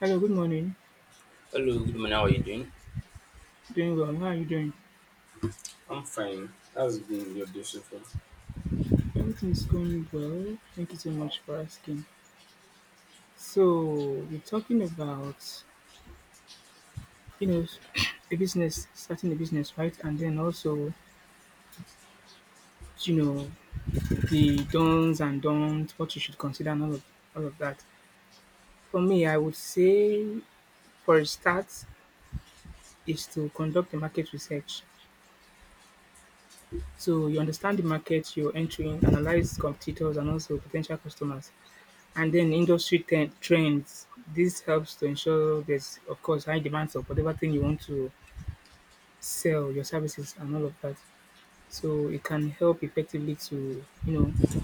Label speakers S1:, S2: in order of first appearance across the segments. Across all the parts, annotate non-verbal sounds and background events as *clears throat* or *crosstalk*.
S1: Hello, good morning.
S2: Hello, good morning. How are you doing?
S1: Doing well. How are you doing?
S2: I'm fine. How's your beautiful
S1: Everything is going well. Thank you so much for asking. We're talking about, you know, *clears throat* a business, starting a business, right? And then also, you know, the don'ts and don'ts, what you should consider, and all of that. For me, I would say, for a start, is to conduct the market research. So, you understand the market you're entering, analyze competitors and also potential customers. And then industry ten trends. This helps to ensure there's, of course, high demand for whatever thing you want to sell, your services, and all of that. So it can help effectively to,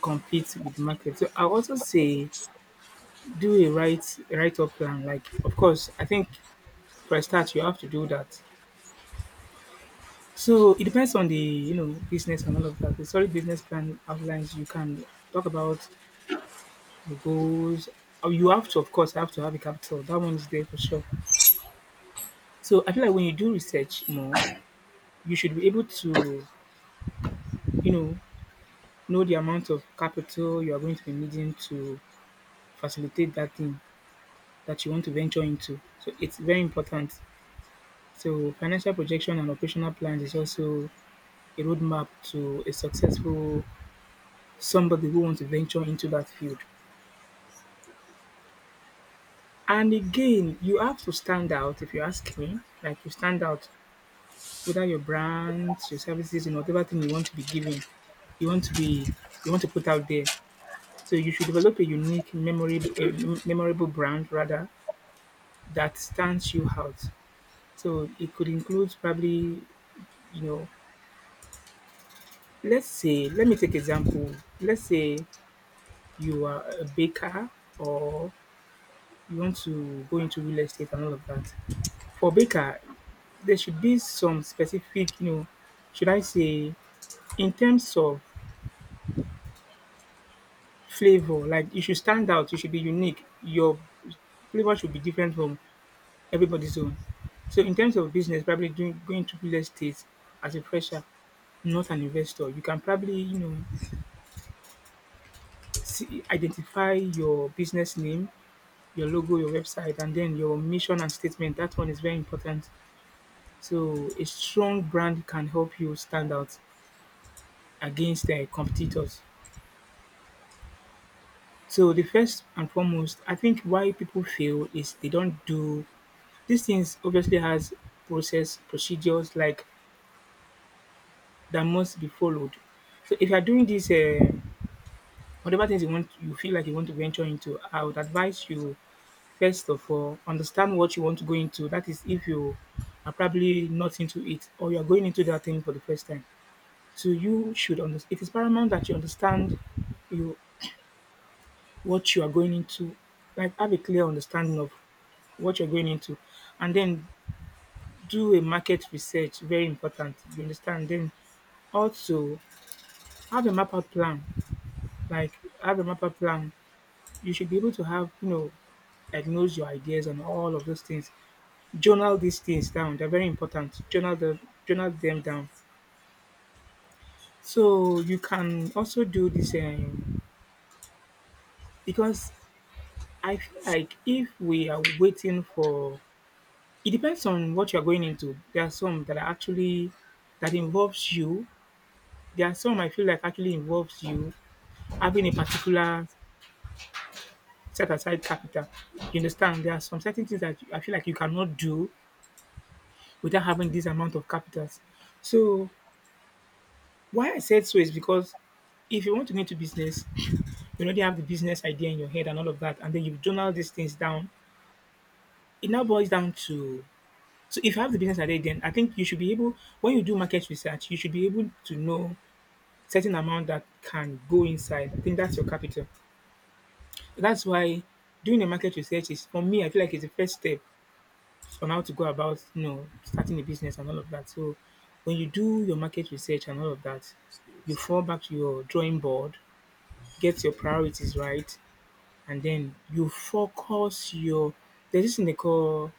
S1: compete with the market. So I also say do a right write up plan. Like, of course, I think for a start you have to do that. So it depends on the, business and all of that. The solid business plan outlines you can talk about the goals. Oh, you have to, of course, have to have a capital. That one is there for sure. So I feel like when you do research more, you should be able to, you know, know the amount of capital you are going to be needing to facilitate that thing that you want to venture into. So it's very important. So financial projection and operational plans is also a roadmap to a successful somebody who wants to venture into that field. And again, you have to stand out if you ask me. Like you stand out whether your brands, your services, and whatever thing you want to be giving, you want to be you want to put out there. So you should develop a unique memory, a memorable brand rather that stands you out. So it could include probably, you know, let's say, let me take example. Let's say you are a baker or you want to go into real estate and all of that. For baker, there should be some specific, should I say, in terms of flavor, like you should stand out, you should be unique. Your flavor should be different from everybody's own. So in terms of business, probably doing going to real estate as a fresher, not an investor, you can probably, see, identify your business name, your logo, your website, and then your mission and statement. That one is very important. So a strong brand can help you stand out against their competitors. So the first and foremost, I think why people fail is they don't do these things obviously has process procedures like that must be followed. So if you are doing this, whatever things you want, you feel like you want to venture into, I would advise you first of all understand what you want to go into. That is, if you are probably not into it or you are going into that thing for the first time, so you should understand. It is paramount that you understand you what you are going into, like have a clear understanding of what you're going into, and then do a market research. Very important. You understand? Then also have a map out plan like have a master plan. You should be able to have, diagnose your ideas and all of those things. Journal these things down. They're very important. Journal them down. So you can also do this because I feel like if we are waiting for it depends on what you're going into. There are some that are actually that involves you. There are some I feel like actually involves you having a particular set aside capital. You understand? There are some certain things that I feel like you cannot do without having this amount of capitals. So why I said so is because if you want to go into business, you already have the business idea in your head and all of that, and then you journal these things down. It now boils down to so if you have the business idea, then I think you should be able when you do market research, you should be able to know certain amount that can go inside. I think that's your capital. That's why doing a market research is for me, I feel like it's the first step on how to go about, starting a business and all of that. So when you do your market research and all of that, you
S2: skills?
S1: fall back to your drawing board, get your priorities right, and then you focus your there's this thing they call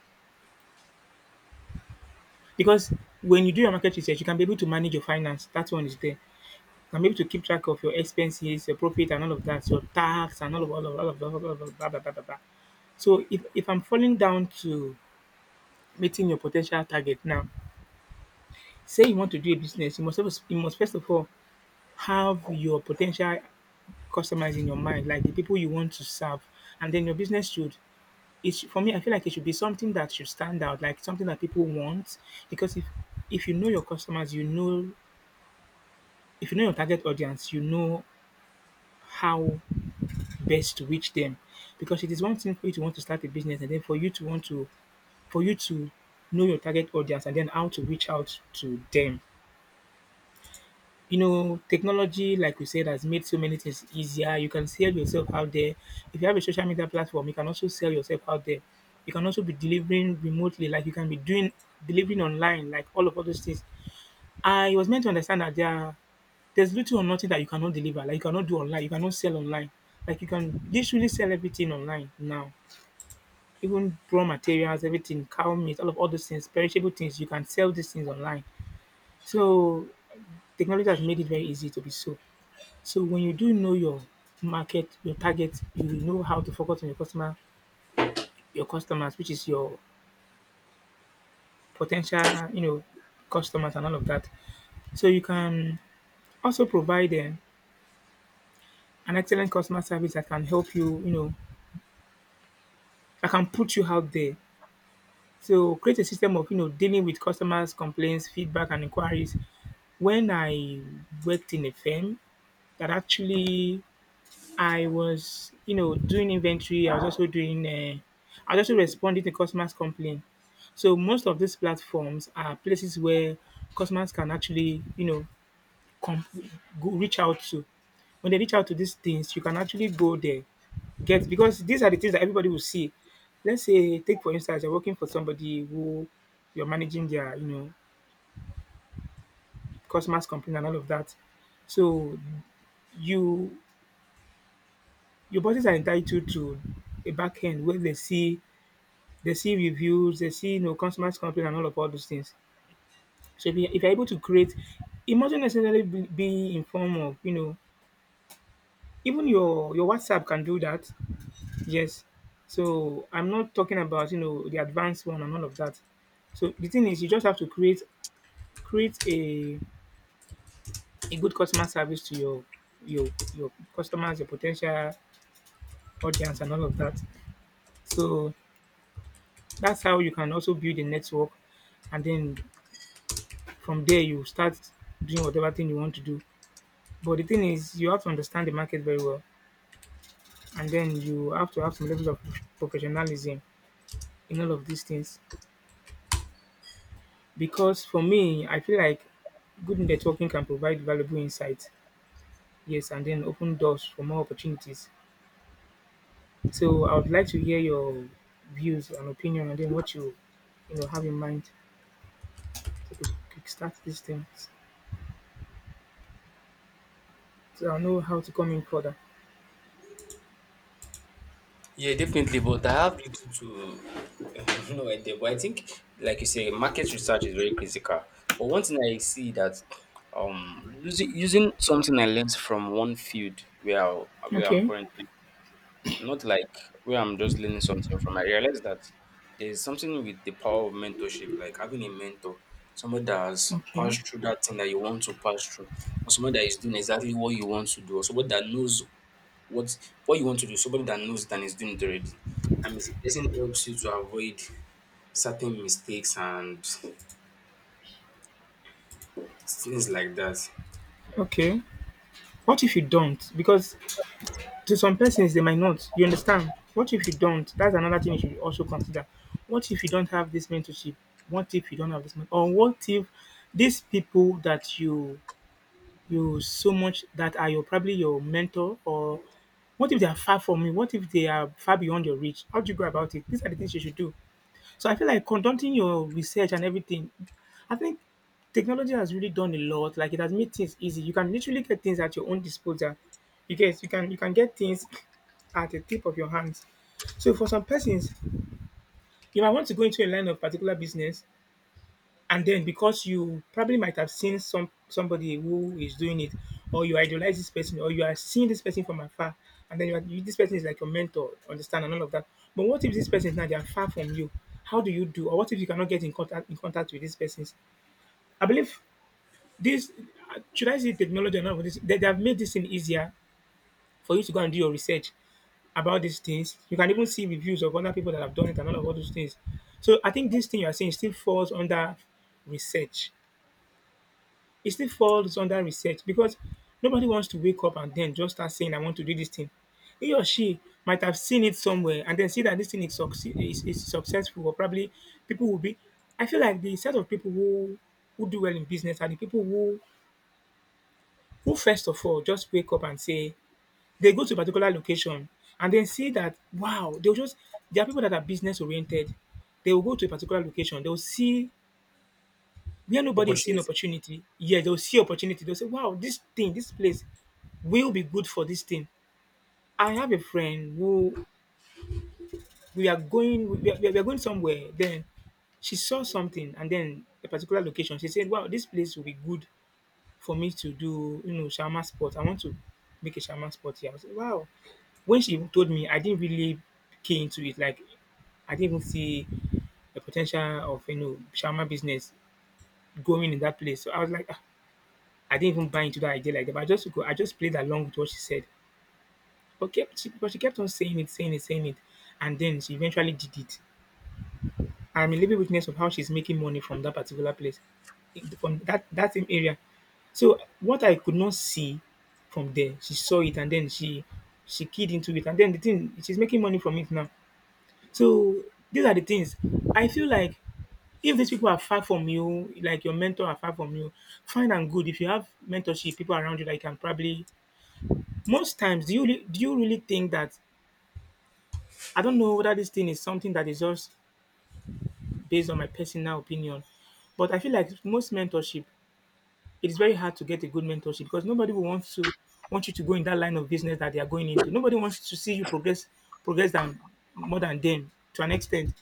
S1: because when you do your market research, you can be able to manage your finance. That one is there. You can be able to keep track of your expenses, your profit, and all of that, your tax, and all of all of all of all of blah, blah, blah, blah, blah. So if I'm falling down to meeting your potential target now, say you want to do a business, you must have, you must first of all have your potential customers in your mind, like the people you want to serve, and then your business should. It should, for me, I feel like it should be something that should stand out, like something that people want, because if you know your customers, you know if you know your target audience, you know how best to reach them, because it is one thing for you to want to start a business, and then for you to want to for you to know your target audience, and then how to reach out to them. You know, technology, like we said, has made so many things easier. You can sell yourself out there. If you have a social media platform, you can also sell yourself out there. You can also be delivering remotely, like you can be doing delivering online, like all of all those things. I was meant to understand that there's little or nothing that you cannot deliver, like you cannot do online, you cannot sell online. Like you can literally sell everything online now. Even raw materials, everything, cow meat, all of all those things, perishable things, you can sell these things online. So technology has made it very easy to be so. So when you do know your market, your target, you will know how to focus on your customer, your customers, which is your potential, customers and all of that. So you can also provide them an excellent customer service that can help you, that can put you out there. So create a system of, dealing with customers, complaints, feedback, and inquiries. When I worked in a firm that actually I was, doing inventory. I was also doing, I was also responding to customers' complaint. So most of these platforms are places where customers can actually, com- go reach out to. When they reach out to these things, you can actually go there, get because these are the things that everybody will see. Let's say, take for instance, you're working for somebody who you're managing their, customers' complaint and all of that. So you your bosses are entitled to a back end where they see. They see reviews, they see, customers complain and all of all those things. So if you if you're able to create it mustn't necessarily be in form of, even your WhatsApp can do that. Yes. So I'm not talking about, the advanced one and all of that. So the thing is you just have to create a good customer service to your customers, your potential audience and all of that. So that's how you can also build a network and then from there, you start doing whatever thing you want to do. But the thing is, you have to understand the market very well, and then you have to have some levels of professionalism in all of these things. Because for me, I feel like good networking can provide valuable insight, yes, and then open doors for more opportunities. So I would like to hear your views and opinion, and then what you know have in mind to kickstart these things. So I know how to come in further.
S2: Yeah, definitely. But I have little to *laughs* no idea. But I think, like you say, market research is very critical. But one thing I see that using something I learned from one field where I'm
S1: Okay,
S2: currently not like where I'm just learning something from. I realize that there's something with the power of mentorship, like having a mentor, somebody that has
S1: okay,
S2: passed through that thing that you want to pass through, or somebody that is doing exactly what you want to do, or somebody that knows what what you want to do, somebody that knows it and is doing it already. I mean, it doesn't helps you to avoid certain mistakes and things like that.
S1: okay. What if you don't? Because to some persons, they might not. You understand? What if you don't? That's another thing you should also consider. What if you don't have this mentorship? What if you don't have this? Or what if these people that you so much that are your probably your mentor or what if they are far from you? What if they are far beyond your reach? How do you go about it? These are the things you should do. So I feel like conducting your research and everything, I think technology has really done a lot. Like it has made things easy. You can literally get things at your own disposal. You guys, you can get things *clears throat* at the tip of your hands. So for some persons, you might want to go into a line of particular business, and then because you probably might have seen somebody who is doing it, or you idolize this person, or you are seeing this person from afar, and then you, are, you this person is like your mentor, understand, and all of that. But what if this person is now they are far from you? How do you do? Or what if you cannot get in contact with these persons? I believe this, should I say, technology and all of this, they have made this thing easier for you to go and do your research about these things. You can even see reviews of other people that have done it, and all those things. So I think this thing you are saying still falls under research. It still falls under research, because nobody wants to wake up and then just start saying, "I want to do this thing." He or she might have seen it somewhere, and then see that this thing is successful, or probably people will be. I feel like the set of people who do well in business are the people who first of all just wake up and say they go to a particular location, and then see that, wow, they'll just. There are people that are business oriented. They will go to a particular location, they'll see where nobody is seeing
S2: Opportunities.
S1: opportunity, yeah, they'll see opportunity. They'll say, wow, this thing, this place will be good for this thing. I have a friend who, we are going somewhere. Then she saw something, and then a particular location. She said, wow, this place will be good for me to do, shaman sport. I want to make a shaman sport here. I was like, wow. When she told me, I didn't really key into it. Like, I didn't even see the potential of shaman business going in that place. So I was like, "Ah, I didn't even buy into that idea like that, but I just played along with what she said." But she kept on saying it, saying it, saying it, and then she eventually did it. I'm a living witness of how she's making money from that particular place, from that same area. So what I could not see from there, she saw it, and then she keyed into it, and then the thing, she's making money from it now. So these are the things I feel like. If these people are far from you, like your mentor are far from you, fine and good. If you have mentorship, people around you that you can probably. Most times, do you really think that, I don't know whether this thing is something that is just based on my personal opinion, but I feel like most mentorship, it is very hard to get a good mentorship, because nobody will want to want you to go in that line of business that they are going into. Nobody wants to see you progress progress than more than them to an extent.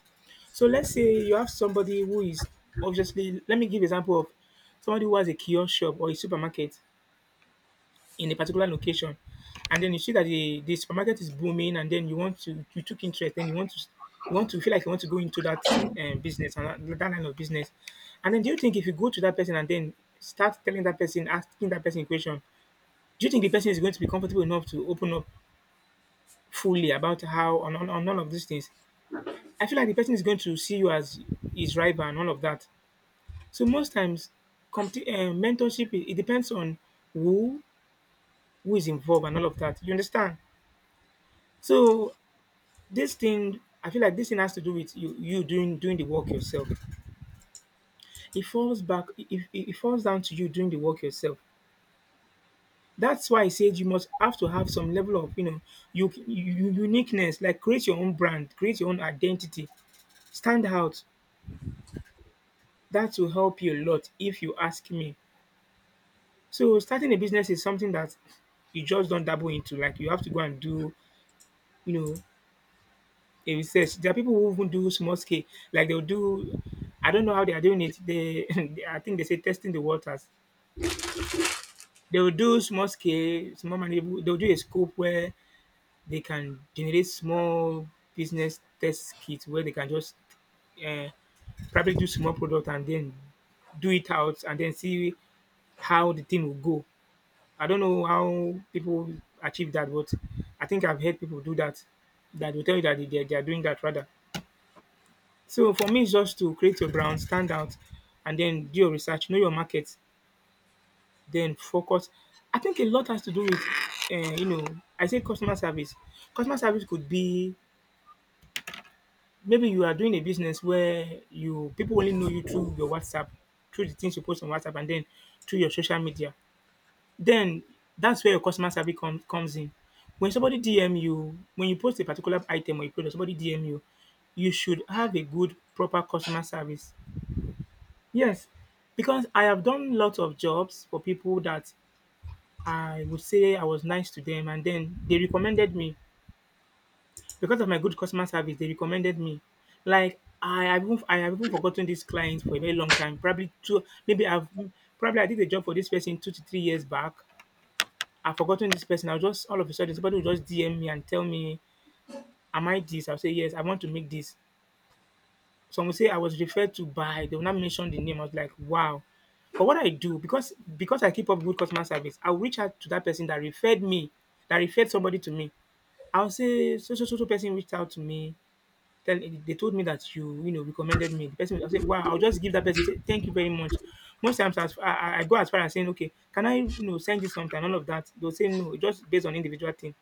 S1: So let's say you have somebody who is, obviously, let me give example of somebody who has a kiosk shop or a supermarket in a particular location, and then you see that the supermarket is booming, and then you want to you took interest, then you want to feel like you want to go into that business, and that line of business. And then, do you think if you go to that person and then start telling that person, asking that person question, do you think the person is going to be comfortable enough to open up fully about how on all of these things? I feel like the person is going to see you as his rival and all of that. So most times, mentorship, it depends on who who is involved and all of that, you understand. So this thing, I feel like this thing has to do with you doing the work yourself. It falls back it, it, it falls down to you doing the work yourself. That's why I said you must have to have some level of, you know you, you uniqueness, like, create your own brand, create your own identity, stand out. That will help you a lot if you ask me. So starting a business is something that you just don't dabble into. Like, you have to go and do, you know in research. There are people who even do small scale, like, they'll do. I don't know how they are doing it. They, *laughs* I think they say testing the waters. They will do small scale, small manageable. They'll do a scope where they can generate small business test kits, where they can just uh, probably do small product, and then do it out, and then see how the thing will go. I don't know how people achieve that, but I think I've heard people do that. That will tell you that they are doing that, rather. So for me, it's just to create your brand, stand out, and then do your research, know your market, then focus. I think a lot has to do with, uh, you know, I say, customer service. Customer service could be, maybe you are doing a business where you, people only know you through your WhatsApp, through the things you post on WhatsApp, and then through your social media. Then that's where your customer service comes in. When somebody DM you, when you post a particular item or a product, somebody DM you, you should have a good, proper customer service. Yes, because I have done lots of jobs for people that, I would say, I was nice to them, and then they recommended me because of my good customer service. They recommended me. Like, I have even forgotten this client for a very long time. Probably I did a job for this person 2 to 3 years back. I've forgotten this person. I'll just All of a sudden, somebody will just DM me and tell me, "Am I this?" I'll say yes. I want to make this. Some will say I was referred to by, they will not mention the name. I was like, wow. But what I do, because I keep up good customer service, I'll reach out to that person that referred me, that referred somebody to me. I'll say, so so so so person reached out to me. They told me that you know recommended me. The person will say, wow. I'll just give that person, say thank you very much. Most times, as, I go as far as saying, okay, can I send you something? All of that. They'll say no, just based on individual thing.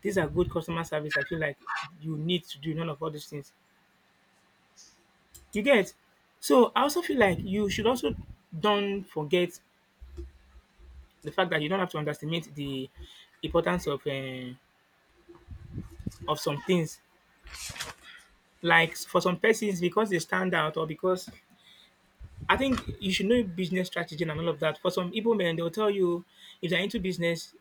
S1: These are good customer service. I feel like you need to do none of all these things. You get? So I also feel like you should also, don't forget the fact that you don't have to underestimate the importance of some things. Like, for some persons, because they stand out, or because, I think you should know business strategy and all of that. For some Igbo men, they'll tell you if they're into business,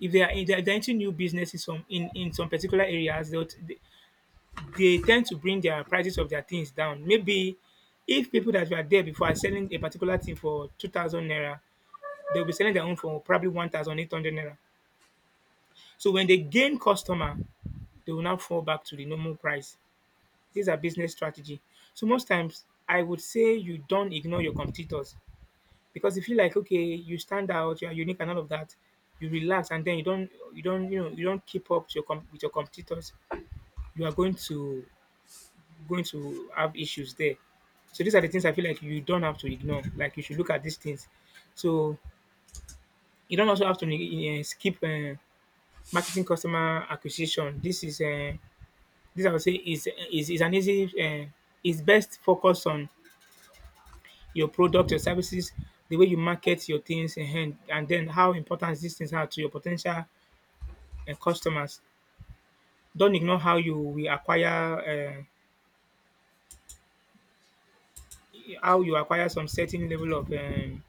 S1: if they're into new business in some particular areas, they tend to bring their prices of their things down. Maybe if people that were there before are selling a particular thing for 2,000 naira, they'll be selling their own for probably 1,800 naira. So when they gain customer, they will now fall back to the normal price. These are business strategy. So most times, I would say you don't ignore your competitors, because if you, like, okay, you stand out, you are unique, and all of that, you relax, and then you don't keep up to your with your competitors. You are going to have issues there. So these are the things I feel like you don't have to ignore. Like, you should look at these things. So you don't also have to skip marketing customer acquisition. This is this I would say is an easy is best. Focus on your product, your services, the way you market your things, and then how important these things are to your potential customers. Don't ignore how you will acquire how you acquire some certain level of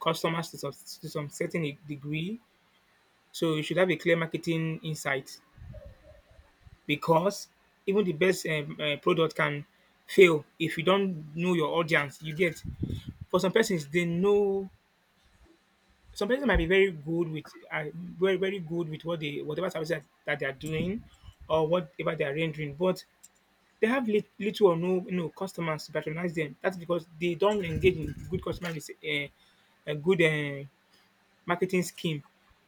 S1: customers to to some certain degree. So you should have a clear marketing insight, because even the best product can fail if you don't know your audience, you get? For some persons, they know some persons might be very good with very good with what they, whatever service that they are doing or whatever they are rendering, but they have little or no, customers to patronize them. That's because they don't engage in good customer a good marketing scheme.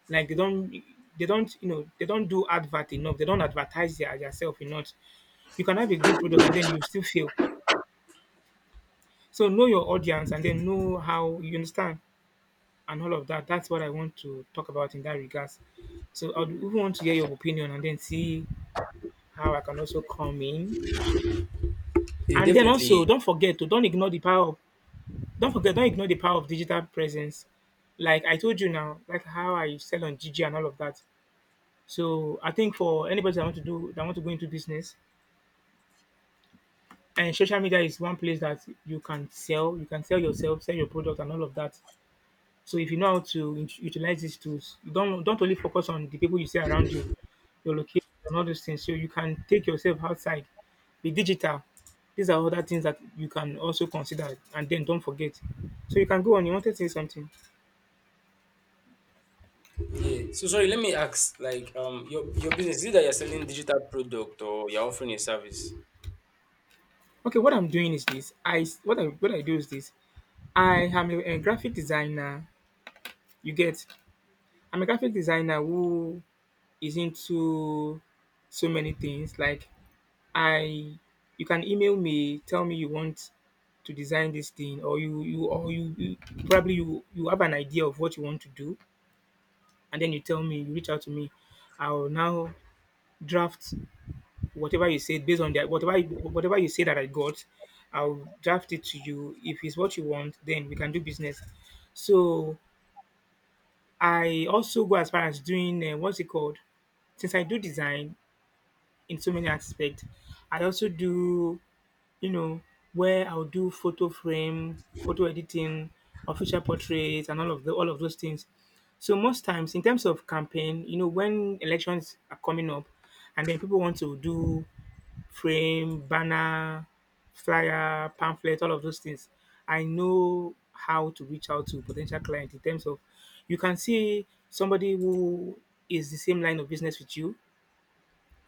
S1: Like they don't, they don't, they don't do advert enough. They don't advertise their yourself enough. You can have a good product and then you still fail. So know your audience and then know how you understand, and all of that. That's what I want to talk about in that regards. So I would even want to hear your opinion and then see how I can also come in.
S2: Yeah,
S1: And then also,
S2: definitely.
S1: don't forget to don't ignore the power. Of, don't ignore the power of digital presence. Like I told you now, like how I sell on Gigi and all of that. So I think for anybody that want to do that want to go into business, and social media is one place that you can sell. You can sell yourself, sell your product, and all of that. So if you know how to utilize these tools, you don't only focus on the people you see around you, your location, and all those things. So you can take yourself outside. Be digital. These are other things that you can also consider, and then don't forget. So you can go on. You wanted to say something?
S2: Yeah. So sorry, let me ask, like your business, is it that you're selling digital product or you're offering a service?
S1: Okay, what I'm doing is this. What I what I do is this. I am a graphic designer. You get? I'm a graphic designer who is into so many things. Like I, you can email me, tell me you want to design this thing, or you probably you have an idea of what you want to do, and then you tell me, you reach out to me. I will now draft whatever you said based on that, whatever you say that I got. I'll draft it to you. If it's what you want, then we can do business. So I also go as far as doing, what's it called? Since I do design in so many aspects, I also do, you know, where I'll do photo frame, photo editing, official portraits, and all of those things. So most times, in terms of campaign, you know, when elections are coming up, and then people want to do frame, banner, flyer, pamphlet, all of those things, I know how to reach out to potential client in terms of, you can see somebody who is the same line of business with you.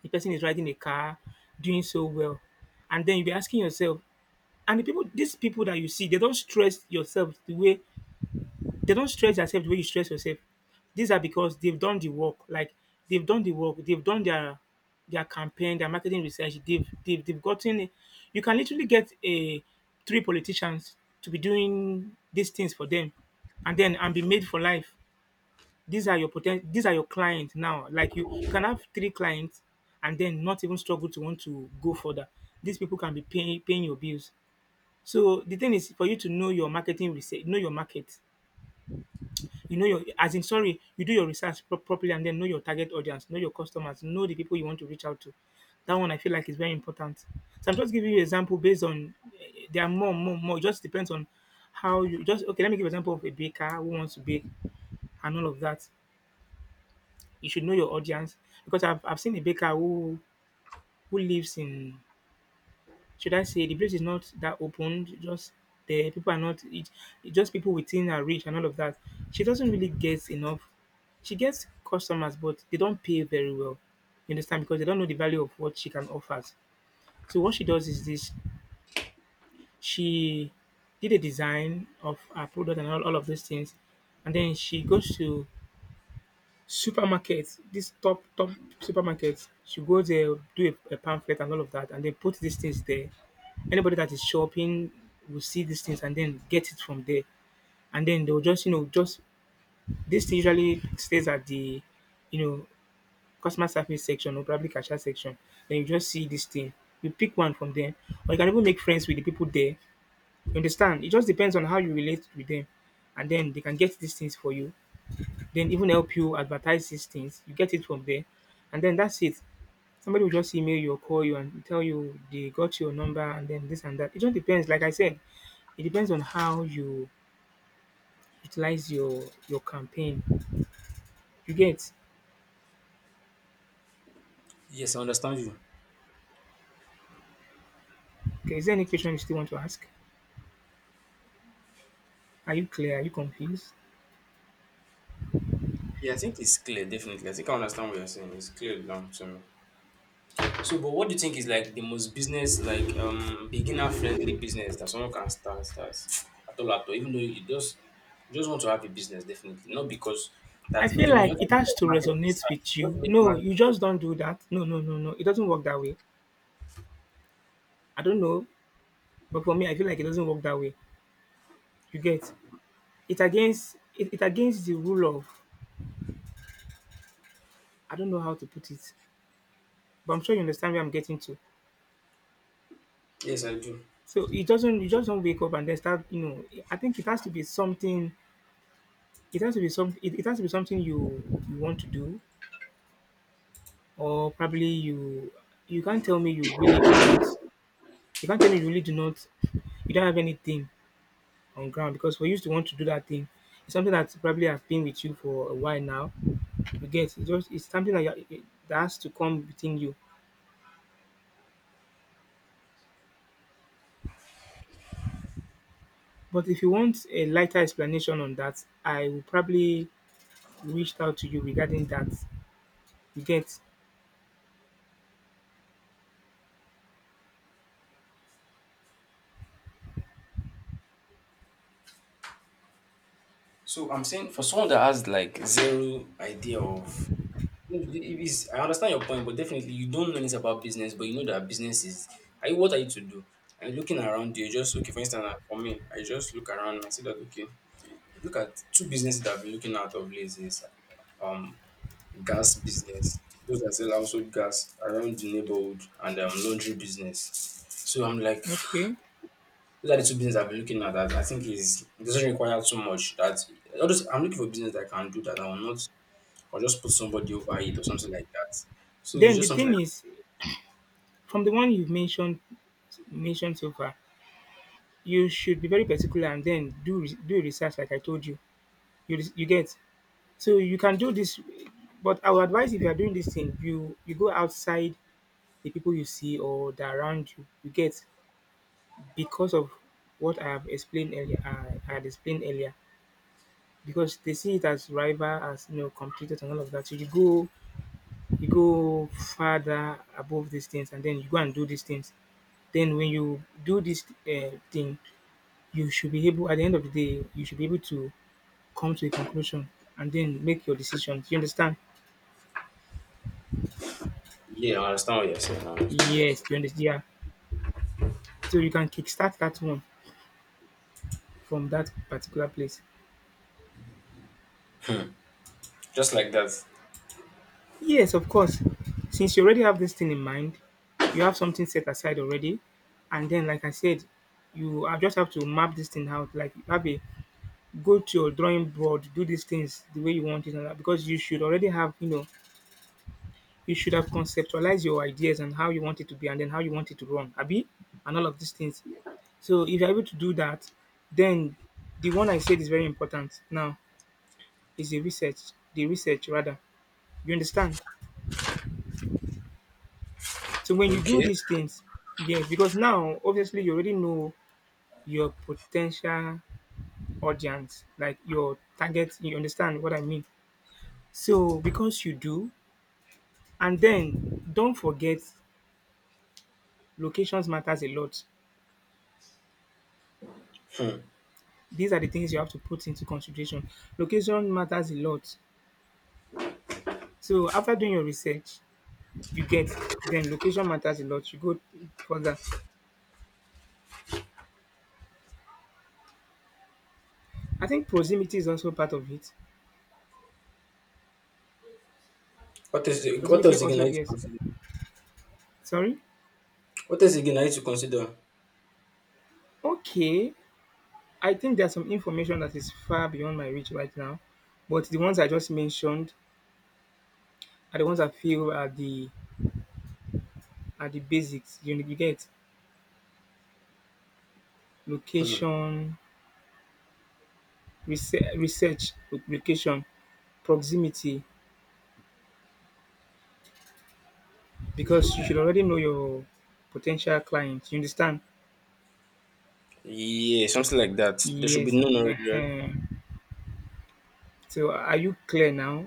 S1: The person is riding a car, doing so well, and then you'll be asking yourself, and the people, these people that you see, they don't stress yourself the way, they don't stress themselves the way you stress yourself. These are because they've done the work. Like they've done the work. They've done their campaign, their marketing research. They've gotten. You can literally get a three politicians to be doing these things for them, and then and be made for life. These are your clients now. Like you can have three clients, and then not even struggle to want to go further. These people can be paying your bills. So the thing is for you to know your marketing research, know your market. You know your, as in, sorry, you do your research properly and then know your target audience, know your customers, know the people you want to reach out to. That one I feel like is very important. So I'm just giving you an example based on, there are more. It just depends on how you just, okay, let me give an example of a baker who wants to bake and all of that. You should know your audience because I've seen a baker who lives in, should I say the place is not that open. Just the people are not it, it just people within her reach and all of that. She doesn't really get enough. She gets customers, but they don't pay very well. You understand, because they don't know the value of what she can offer. So what she does is this: she did a design of her product and all of these things, and then she goes to supermarkets, this top supermarkets. She go there, do a pamphlet and all of that, and they put these things there. Anybody that is shopping will see these things and then get it from there. And then they'll just, you know, just, this thing usually stays at the, you know, customer service section or probably cashier section. Then you just see this thing. You pick one from them, or you can even make friends with the people there. You understand? It just depends on how you relate with them, and then they can get these things for you, then even help you advertise these things. You get it from there, and then that's it. Somebody will just email you or call you and tell you they got your number and then this and that. It just depends. Like I said, it depends on how you utilize your campaign. You get.
S2: Yes, I understand you.
S1: Okay, is there any question you still want to ask? Are you clear? Are you confused?
S2: Yeah, I think it's clear, definitely. I think I understand what you're saying. It's clear down to me. So, but what do you think is like the most business, like beginner friendly business that someone can start that's at all, even though you just want to have a business, definitely. Not because that
S1: I feel
S2: okay now you have
S1: like
S2: to
S1: it has
S2: make
S1: to
S2: market
S1: resonate
S2: research.
S1: with
S2: You have
S1: you.
S2: to make
S1: No, you
S2: market.
S1: just don't do that. No, no, no, no. It doesn't work that way. I don't know, but for me, I feel like it doesn't work that way. You get, it against it, it against the rule of, I don't know how to put it, but I'm sure you understand where I'm getting to.
S2: Yes, I do.
S1: So it doesn't, you just don't wake up and then start, you know, I think it has to be something, it has to be something, it has to be something you you want to do, or probably you, you can't tell me you really do not you can't tell me you really do not, you don't have anything on ground, because for you to want to do that thing, it's something that probably have been with you for a while now, you get, it's just it's something that, you, that has to come within you. But if you want a lighter explanation on that, I will probably reached out to you regarding that. You get.
S2: So I'm saying for someone that has like zero idea of if it's, I understand your point, but definitely you don't know anything about business, but you know that business is, are you, what are you to do? And looking around you, just okay, for instance, like, for me, I just look around and I see that okay, look at two businesses that I've been looking at of late is um gas business. Those that sell also gas around the neighborhood and laundry business. So I'm like
S1: Okay,
S2: those are the two business I've been looking at that I think is it doesn't require too much. That all those I'm looking for business that can do that. I will not, I'll just put somebody over it or something like that. So it's
S1: then the
S2: just something
S1: thing
S2: like,
S1: is, from the one you've mentioned so far, you should be very particular and then do do research, like I told you. You get. So you can do this, but I would advise if you are doing this thing, you go outside the people you see or the around you. You get, because of what I have explained earlier. I had explained earlier, because they see it as rival, as you know, competitors and all of that. So you go further above these things and then you go and do these things. Then when you do this, thing, you should be able, at the end of the day, you should be able to come to a conclusion and then make your decisions. You understand?
S2: yeah, I understand what you're saying. I understand what you're
S1: Yes,
S2: saying.
S1: you understand. Yeah. So you can kickstart that one from that particular place.
S2: Just like that.
S1: Yes, of course. Since you already have this thing in mind, you have something set aside already, and then like I said, you, I just have to map this thing out. Like you have a, go to your drawing board, do these things the way you want it, and that because you should already have, you know, you should have conceptualized your ideas and how you want it to be, and then how you want it to run, Abi, and all of these things. So if you're able to do that, then the one I said is very important. Now is the research rather. You understand? So when you do
S2: Okay.
S1: these things, yes, because now obviously you already know your potential audience, like your target. You understand what I mean? So because you do, and then don't forget, locations matters a lot. These are the things you have to put into consideration. Location matters a lot. So after doing your research, you get, then location matters a lot. You go further. I think proximity is also part of it.
S2: What
S1: Proximity
S2: else again I
S1: also,
S2: need to
S1: yes.
S2: consider?
S1: Sorry.
S2: What else again I need to consider?
S1: Okay. I think there's some information that is far beyond my reach right now, but the ones I just mentioned are the ones I feel are the, are the basics. You get. Location, research, location, proximity, because you should already know your potential client. You understand?
S2: Yeah, something like that. There should be
S1: Yes.
S2: no, no.
S1: Uh, so are you clear now?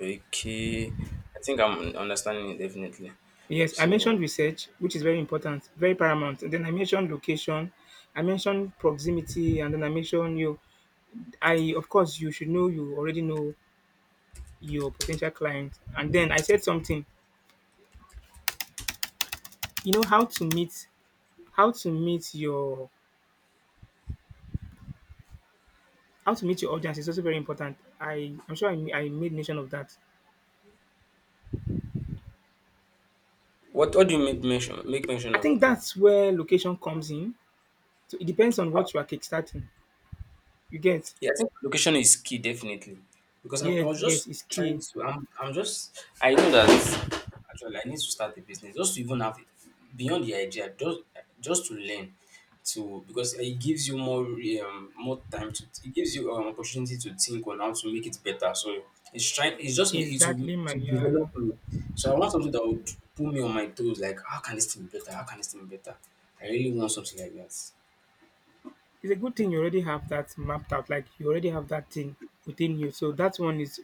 S2: Okay. I think I'm understanding it definitely.
S1: Yes, I mentioned
S2: So
S1: research, which is very important, very paramount. And then I mentioned location, I mentioned proximity, and then I mentioned you. I, of course, you should know, you already know your potential client. And then I said something, you know, how to meet your, how to meet your audience is also very important. I'm sure I made mention of that.
S2: what do you make mention
S1: I
S2: of?
S1: think that's where location comes in. So it depends on what you are kickstarting. You get?
S2: Yeah, I think location is key definitely because I
S1: Yes,
S2: was just
S1: yes, it's
S2: trying
S1: key.
S2: to. I'm just. I know that actually I need to start a business just to even have beyond the idea just to learn to, because it gives you more more time to, it gives you an opportunity to think on how to make it better. So it's trying. It's just me, it will
S1: Exactly, my
S2: to
S1: yeah.
S2: develop me. So I want something that would put me on my toes. Like how can this thing be better? How can this thing be better? I really want something like that.
S1: It's a good thing you already have that mapped out. Like you already have that thing within you. So that one is,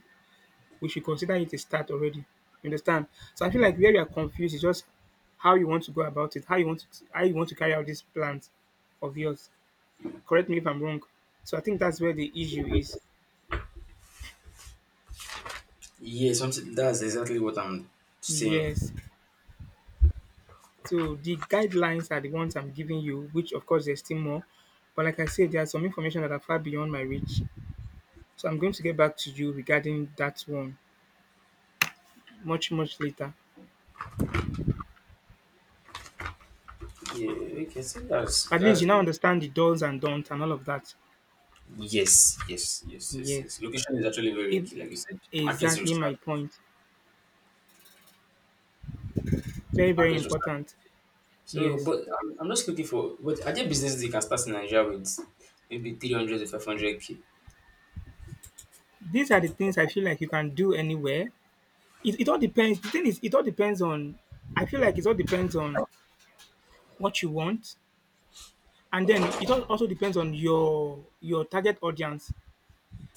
S1: we should consider it a start already. You understand? So I feel like where you are confused is just how you want to go about it, how you want to carry out this plan of yours. Correct me if I'm wrong. So I think that's where the issue is.
S2: Yeah, something, that's exactly what I'm saying.
S1: Yes. So the guidelines are the ones I'm giving you, which of course there's still more. But like I said, there are some information that are far beyond my reach. So I'm going to get back to you regarding that one much, much later.
S2: Yeah, okay, see, that's
S1: At least you
S2: that's
S1: now
S2: good.
S1: understand the does and don't and all of that.
S2: Yes, yes, yes, yes,
S1: Yes.
S2: yes. Location is actually very
S1: It,
S2: key, like you said. Market research,
S1: exactly my point. Very, very
S2: market research.
S1: important.
S2: So,
S1: Yes.
S2: but I'm just looking for. But are there businesses you can start in Nigeria with maybe 300K to 500K?
S1: These are the things I feel like you can do anywhere. It all depends. The thing is, it all depends on, I feel like it all depends on what you want. And then it also depends on your target audience.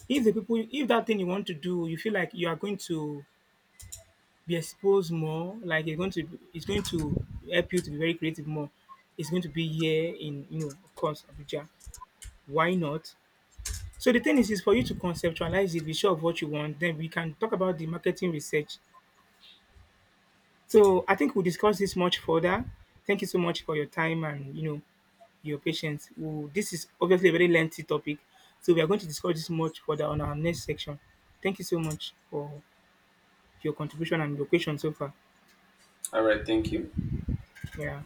S1: If the people, if that thing you want to do, you feel like you are going to be exposed more, like you're going to, it's going to help you to be very creative more. It's going to be here in, you know, of course, Abuja. Why not? So the thing is for you to conceptualize it, be sure of what you want. Then we can talk about the marketing research. So I think we'll discuss this much further. Thank you so much for your time and you know your patience. We'll, this is obviously a very lengthy topic, so we are going to discuss this much further on our next section. Thank you so much for your contribution and your question so far. Yeah.